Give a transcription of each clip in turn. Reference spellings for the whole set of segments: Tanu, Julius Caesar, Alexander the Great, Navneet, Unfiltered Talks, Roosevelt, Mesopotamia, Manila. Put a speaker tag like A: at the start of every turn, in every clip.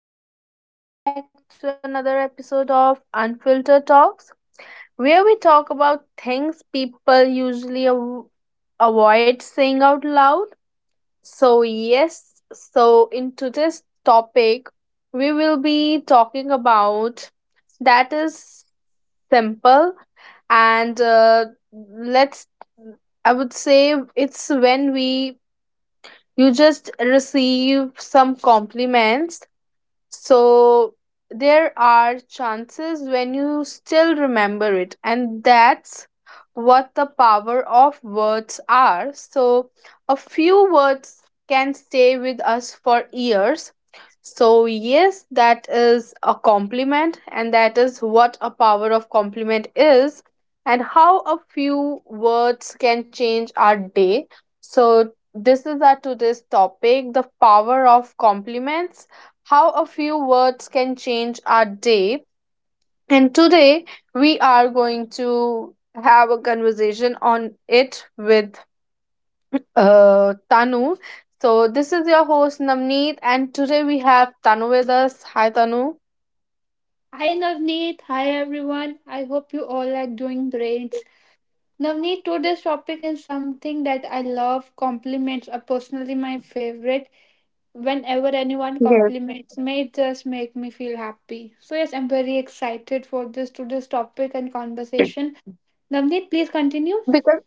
A: everyone. Welcome back to another episode of Unfiltered Talks, where we talk about things people usually avoid saying out loud. So in today's topic, we will be talking about that is simple and let's I would say it's when we you just receive some compliments. So there are chances when you still remember it, and that's what the power of words are. So a few words can stay with us for years. So, yes, that is a compliment, and that is what a power of compliment is, and how a few words can change our day. So, this is our today's topic: the power of compliments, how a few words can change our day. And today we are going to have a conversation on it with Tanu. So, this is your host Namneet, and today we have Tanu with us. Hi, Tanu.
B: Hi Navneet, hi everyone. I hope you all are doing great. Navneet, today's topic is something that I love. Compliments are personally my favorite. Whenever anyone
A: Yes.
B: compliments me, it just make me feel happy. So yes, I'm very excited for this today's topic and conversation. Navneet, please continue.
A: Because,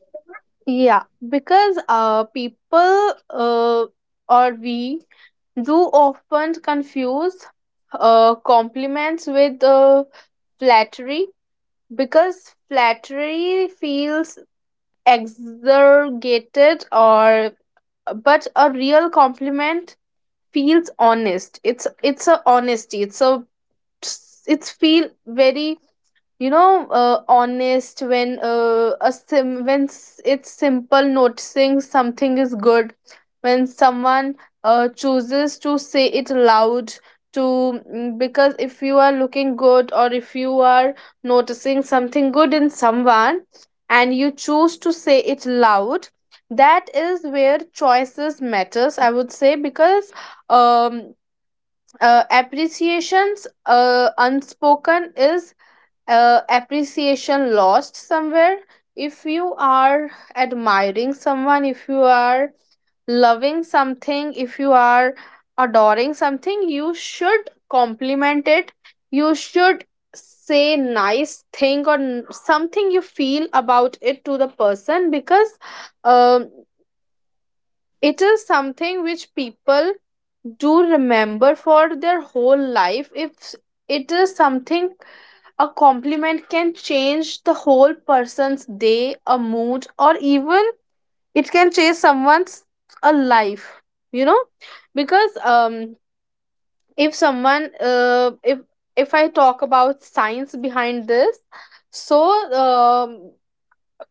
A: yeah, because people or we do often confuse compliments with flattery, because flattery feels exaggerated, or but a real compliment feels honest. It's a honesty, it's a it's feel very honest when a sim- when s- it's simple noticing something is good, when someone chooses to say it loud to because if you are looking good, or if you are noticing something good in someone and you choose to say it loud, that is where choices matters, I would say. Because um appreciations unspoken is appreciation lost somewhere. If you are admiring someone, if you are loving something, if you are adoring something, you should compliment it. You should say nice thing or something you feel about it to the person, because um, it is something which people do remember for their whole life. If s- it is something a compliment can change the whole person's day, a mood, or even it can change someone's a life. You know, because if someone if I talk about science behind this, so um,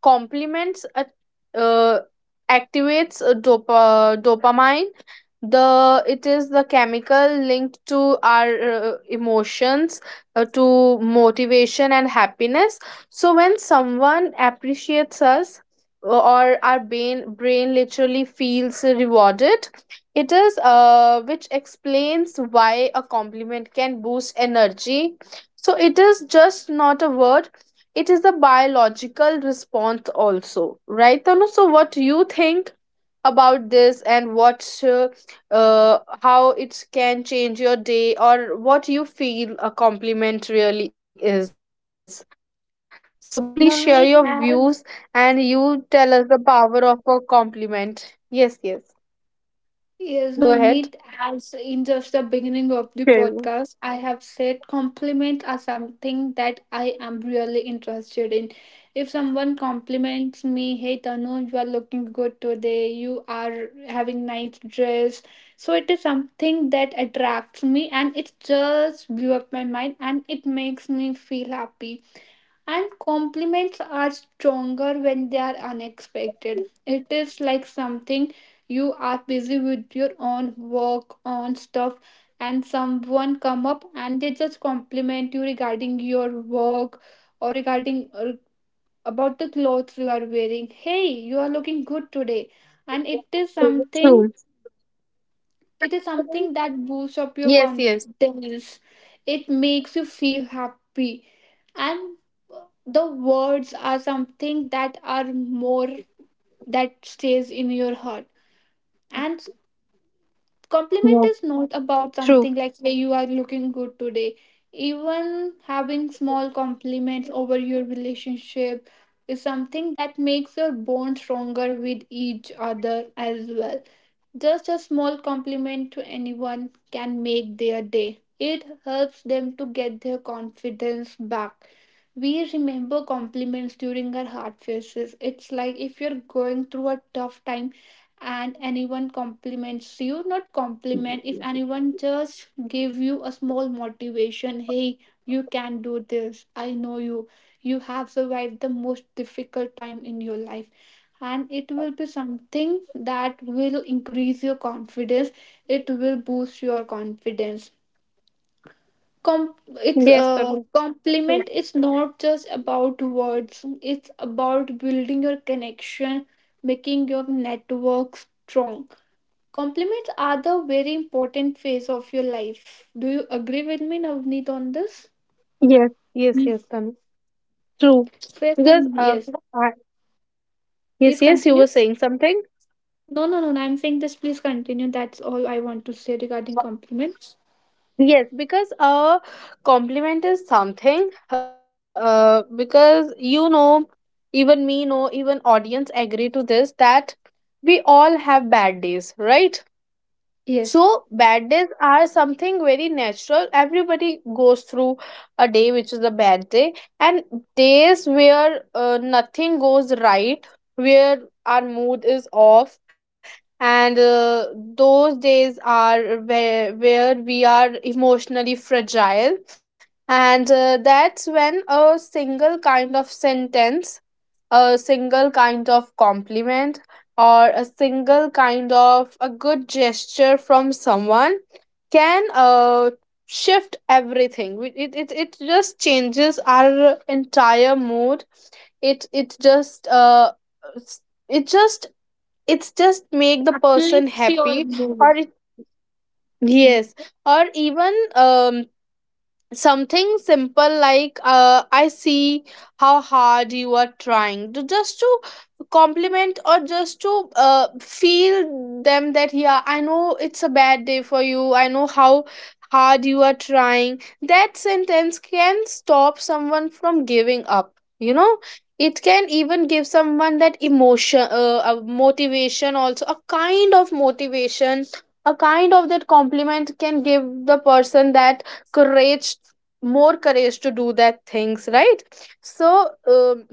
A: compliments uh, activates dopamine, the it is the chemical linked to our emotions, to motivation and happiness. So when someone appreciates us or our brain literally feels rewarded. It is which explains why a compliment can boost energy. So it is just not a word, it is a biological response also, right, Tanu? So what you think about this and what how it can change your day or what you feel a compliment really is? So please share your views, and
B: Navneet,
A: you tell us the
B: as
A: power of a compliment. Yes, yes, go ahead.
B: Yes, Navneet, as
A: True.
B: in just the beginning of the podcast, I have said compliments are something that I am really interested in. If someone compliments me, hey Tanu, you are looking good today, you are having nice dress. So it is something that attracts me and it just blew up my mind and it makes me feel happy. And compliments are stronger when they are unexpected. It is like something you are busy with your own work own stuff, and someone come up and they just compliment you regarding your work or regarding about the clothes you are wearing. Hey, you are looking good today, and
A: True.
B: it is something that boosts
A: Yes,
B: up your
A: yes.
B: confidence. It makes you feel happy, and uh, the words are something that are more, that stays in your heart. And compliment
A: Yeah.
B: is not about
A: True.
B: something like, say, you are looking good today. Even having small compliments over your relationship is something that makes your bond stronger with each other as well. Just a small compliment to anyone can make their day. It helps them to get their confidence back. We remember compliments during our hard phases. It's like if you're going through a tough time and anyone compliments you, not compliment, if anyone just give you a small motivation, hey, you can do this. I know you. You have survived the most difficult time in your life, and it will be something that will increase your confidence. It will boost your confidence. Com- it's
A: Yes, Tanu. True.
B: Compliment is not just about words. It's about building your connection, making your network strong. Compliments are the very important phase of your life. Do you agree with me, Navneet, on this?
A: Yes, yes,
B: Mm.
A: yes, Tanu. True.
B: First,
A: Because
B: yes.
A: I.
B: Please
A: Yes, yes, you were
B: continue.
A: saying something.
B: No, no, no. No, I'm saying this. Please continue. That's all I want to say regarding compliments.
A: Yes, because a compliment is something. Because you know, even audience agree to this that we all have bad days, right?
B: Yes.
A: So bad days are something very natural. Everybody goes through a day which is a bad day, and days where nothing goes right, where our mood is off, and those days are where we are emotionally fragile, and that's when a single kind of sentence, a single kind of compliment, or a single kind of a good gesture from someone can shift everything. It just changes our entire mood. It just s- it just it's just make the person
B: Uplifts your
A: happy,
B: mood.
A: or it.
B: Hmm.
A: Yes, or even something simple like I see how hard you are trying, to just to compliment or just to feel them that, yeah, I know it's a bad day for you, I know how hard you are trying. That sentence can stop someone from giving up, you know. It can even give someone that emotion, a motivation also, a kind of motivation, a kind of that compliment can give the person that courage, more courage to do that things, right? So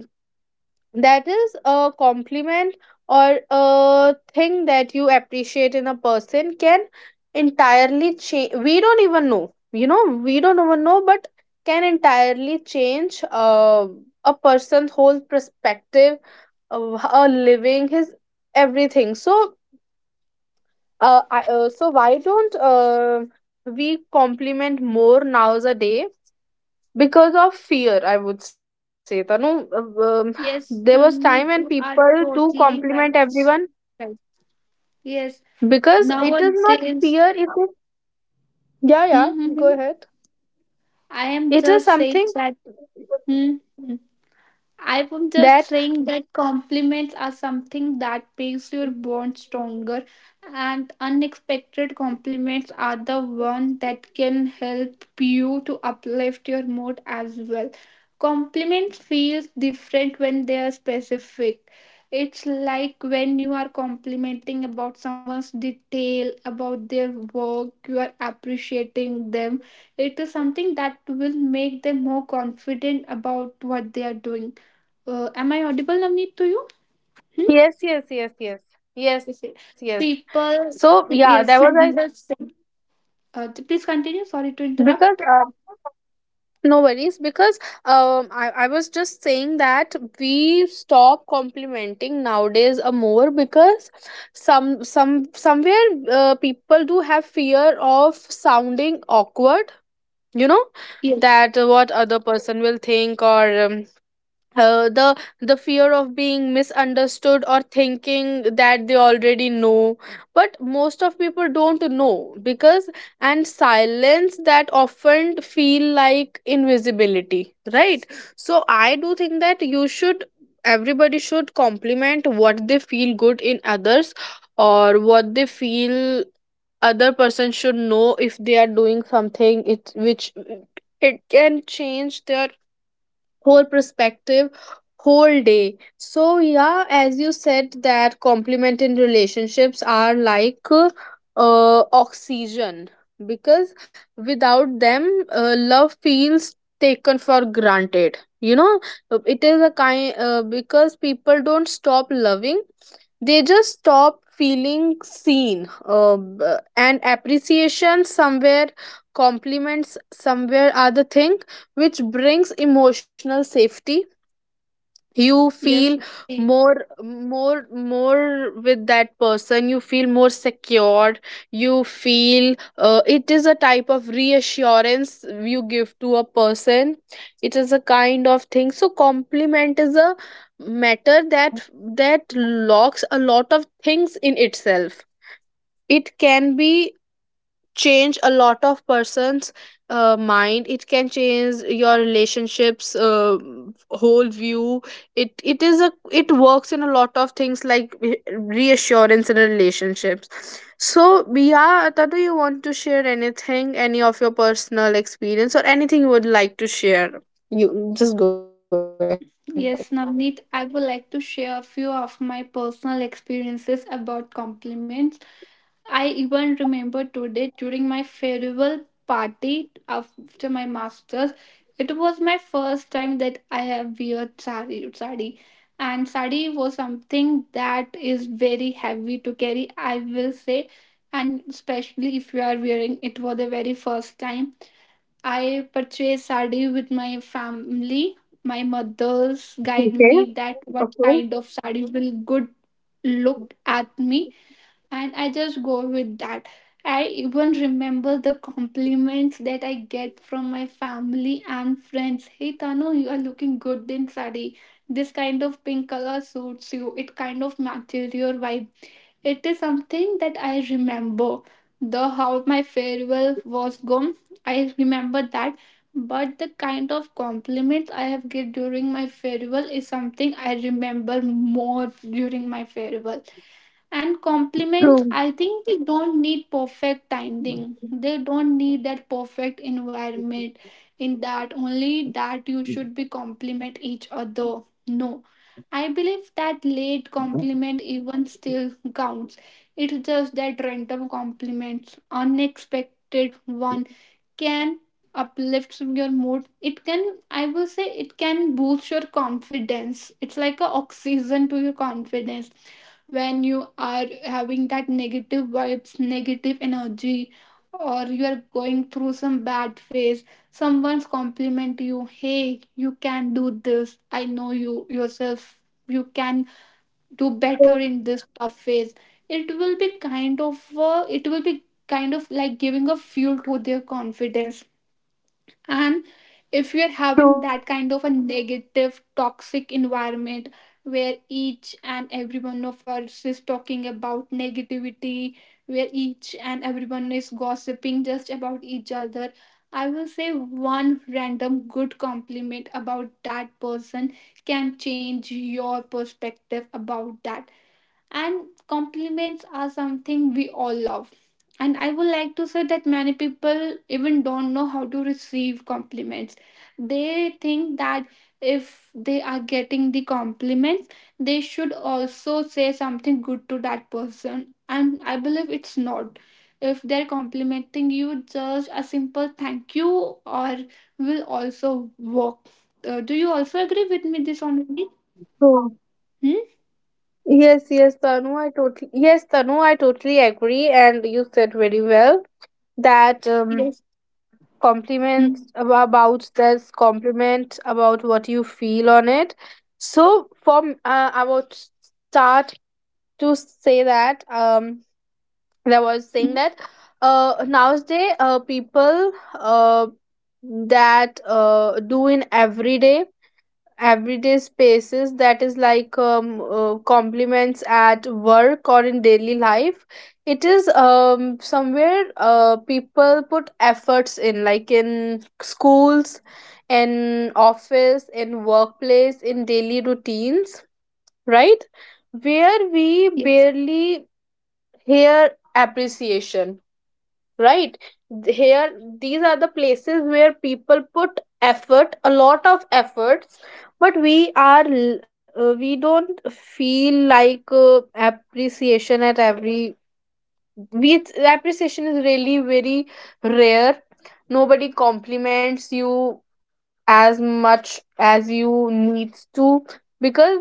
A: that is a compliment or a thing that you appreciate in a person can entirely change. We don't even know, you know, we don't even know, but can entirely change a person's whole perspective of a living, his everything. So so why don't we compliment more nowadays? Because of fear, I would say, Tanu. uh, um, there was
B: Yes,
A: time when
B: me
A: people
B: too. Are
A: do compliment
B: totally right.
A: everyone,
B: Right. Yes.
A: because it is not fear, it
B: Nowadays,
A: is. Yeah, yeah,
B: hmm hmm,
A: go
B: hmm.
A: ahead.
B: I am
A: It is
B: just saying
A: something
B: that. Hmm. hmm. I would just
A: that
B: think that compliments are something that makes your bond stronger, and unexpected compliments are the one that can help you to uplift your mood as well. Compliments feels different when they are specific. It's like when you are complimenting about someone's detail, about their work, you are appreciating them. It is something that will make them more confident about what they are doing. Am I audible, Navneet, to you? Hmm?
A: yes, yes, yes, yes, yes,
B: Yes. See,
A: yes. So
B: people,
A: yeah, there was a,
B: yes, I just said. Please continue. Sorry to
A: because
B: interrupt.
A: no worries, because I was just saying that we stop complimenting nowadays a more, because somewhere people do have fear of sounding awkward. You know
B: Yes,
A: that what other person will think, or the fear of being misunderstood, or thinking that they already know, but most of people don't know, because and silence that often feel like invisibility, right? So I do think that you should, everybody should compliment what they feel good in others, or what they feel other person should know, if they are doing something, it which it can change their whole perspective, whole day. So yeah, as you said that compliment in relationships are like oxygen, because without them love feels taken for granted, you know. It is a kind, because people don't stop loving, they just stop feeling seen. And appreciation somewhere, compliments somewhere are the thing which brings emotional safety. You feel
B: yes, Navneet.
A: more with that person, you feel more secure. You feel it is a type of reassurance you give to a person, it is a kind of thing. So compliment is a matter that locks a lot of things in itself. It can be change a lot of person's mind, it can change your relationships whole view. It is a it works in a lot of things, like reassurance in relationships. So yeah, do you want to share anything, any of your personal experience or anything you would like to share? You just go ahead.
B: Yes, Navneet, I would like to share a few of my personal experiences about compliments. I even remember today during my farewell party after my masters. It was my first time that I have wear sari, sari, and sari was something that is very heavy to carry, I will say, and especially if you are wearing it for the very first time. I purchased sari with my family. My mother's guide
A: Okay,
B: me that what
A: okay.
B: kind of sari will good look at me, and I just go with that. I even remember the compliments that I get from my family and friends. Hey Tanu, you are looking good in sari. This kind of pink color suits you. It kind of matches your vibe. It is something that I remember. The how my farewell was gone, I remember that. But the kind of compliments I have get during my farewell is something I remember more during my farewell. And compliments, I
A: True.
B: think they don't need perfect timing. They don't need that perfect environment. In that, only that you should be compliment each other. No, I believe that late compliment even still counts. It's just that random compliments, unexpected one, can uplift your mood. It can, I will say, it can boost your confidence. It's like a oxygen to your confidence. When you are having that negative vibes, negative energy, or you are going through some bad phase, someone's compliment you, hey, you can do this. I know you yourself, you can do better in
A: True,
B: this tough phase. It will be kind of it will be kind of like giving a fuel to their confidence. And if you're having that kind of a negative, toxic environment where each and every one of us is talking about negativity, where each and everyone is gossiping just about each other, I will say one random good compliment about that person can change your perspective about that. And compliments are something we all love, and I would like to say that many people even don't know how to receive compliments. They think that
A: True,
B: if
A: Tanu.
B: they are getting the compliments, they should also say something good to that person, and I believe it's not. If they're complimenting you, just a simple thank you or will also work. Do you also agree with me this on?
A: True.
B: Hmm?
A: Yes, Tanu, I totally agree, and you said very well that
B: Yes. Hmm.
A: compliments about this compliment about what you feel on it. So from I would start to say that that was
B: Hmm.
A: saying that nowadays people uh that do in everyday spaces, that is like compliments at work or in daily life. It is somewhere people put efforts in, like in schools, in office, in workplace, in daily routines, right, where we
B: Yes.
A: barely hear appreciation, right? Here these are the places where people put effort, a lot of efforts, but we are we don't feel like appreciation at every, we appreciation is really very rare. Nobody compliments you as much as you needs to, because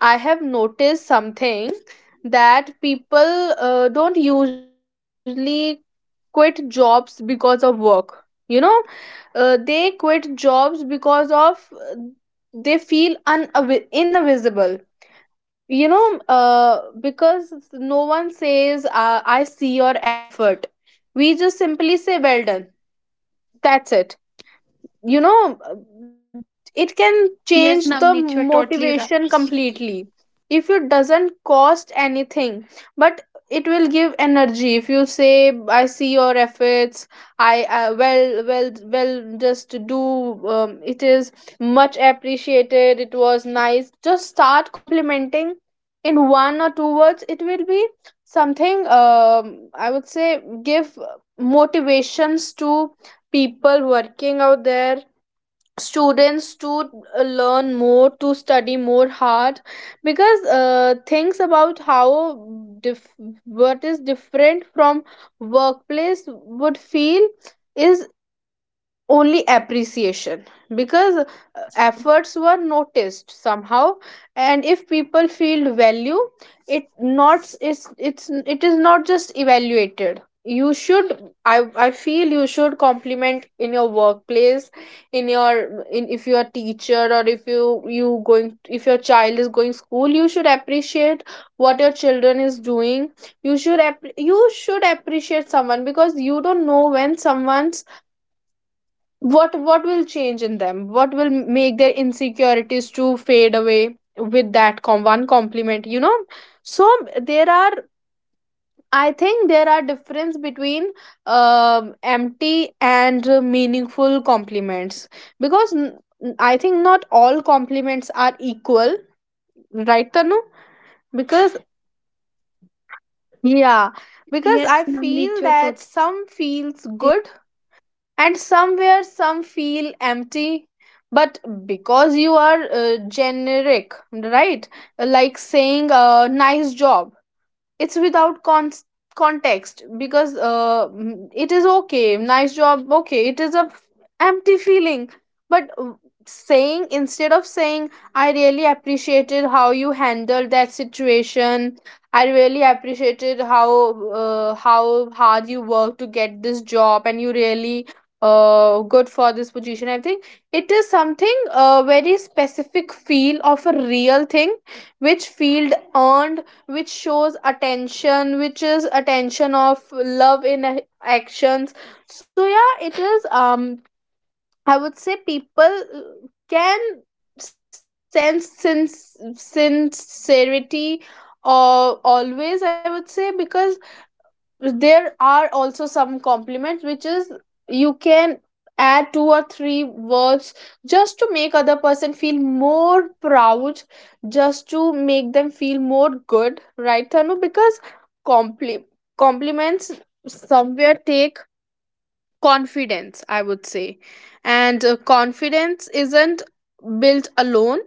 A: I have noticed something that people don't usually quit jobs because of work. You know, they quit jobs because of they feel invisible. You know, because no one says, I see your effort. We just simply say, well done. That's it,
B: Yes, Navneet,
A: you
B: you're
A: know.
B: totally right.
A: It can change the motivation completely, if it doesn't cost anything, but it will give energy if you say, I see your efforts, I well well well just do, it is much appreciated, it was nice, just start complimenting in one or two words. It will be something, I would say, give motivations to people working out there, students to learn more, to study more hard, because things about how dif- what is different from workplace would feel is only appreciation, because
B: Yes,
A: efforts were
B: Navneet.
A: noticed somehow. And if people feel value, it not is it's, it is not just evaluated. You should, I feel you should compliment in your workplace, in your, in if you're a teacher, or if you you going, if your child is going school, you should appreciate what your children is doing. You should you should appreciate someone, because you don't know when someone's, what will change in them, what will make their insecurities to fade away with that one compliment, you know. So there are, I think there are difference between empty and meaningful compliments, because I think not all compliments are equal, right, Tanu? Because
B: Yes, Navneet, you're totally right.
A: yeah,
B: Not
A: because I
B: all
A: feel
B: compliments
A: that
B: are the
A: some
B: same.
A: feels
B: Hmm.
A: good, and somewhere
B: Yes.
A: some feel empty, but because you are generic, right, like saying nice job, it's without context, because it is okay, nice job, okay, it is a empty feeling. But saying, instead of saying, I really appreciated how you handled that situation, I really appreciated how hard you worked to get this job, and you really good for this position, I think it is something a very specific feel of a real thing, which field earned, which shows attention, which is attention of love in actions. So yeah, it is I would say people can sense sincerity or always, I would say, because there are also some compliments which is you can add two or three words just to make other person feel more proud, just to make them feel more good, right, Thanu? Because compli- compliments
B: Yes, yes,
A: somewhere
B: Navneet.
A: take
B: Navneet, you're
A: confidence, I would say, and confidence isn't built alone.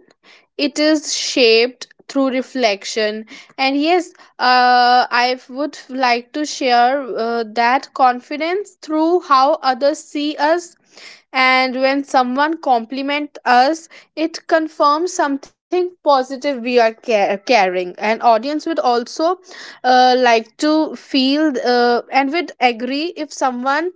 A: It is shaped through reflection. And yes, I would like to share that confidence through how others see us, and when someone compliment us, it confirms something positive we are carrying. An audience would also like to feel, and would agree, if someone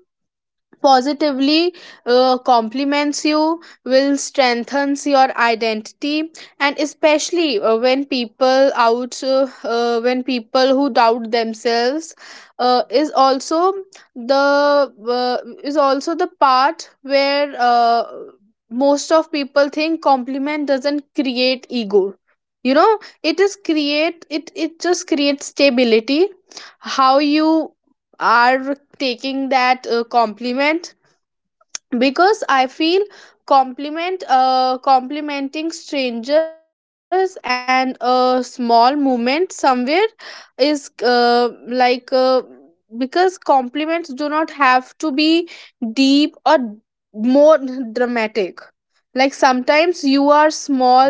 A: positively compliments you, will strengthens your identity, and especially when people who doubt themselves is also the, uh, is also the part where most of people think compliment doesn't create ego, you know. It is create, it just creates stability, how you are taking that compliment. Because I feel compliment, complimenting strangers and a small movement somewhere is like uh, because compliments do not have to be deep or more dramatic, like sometimes you are small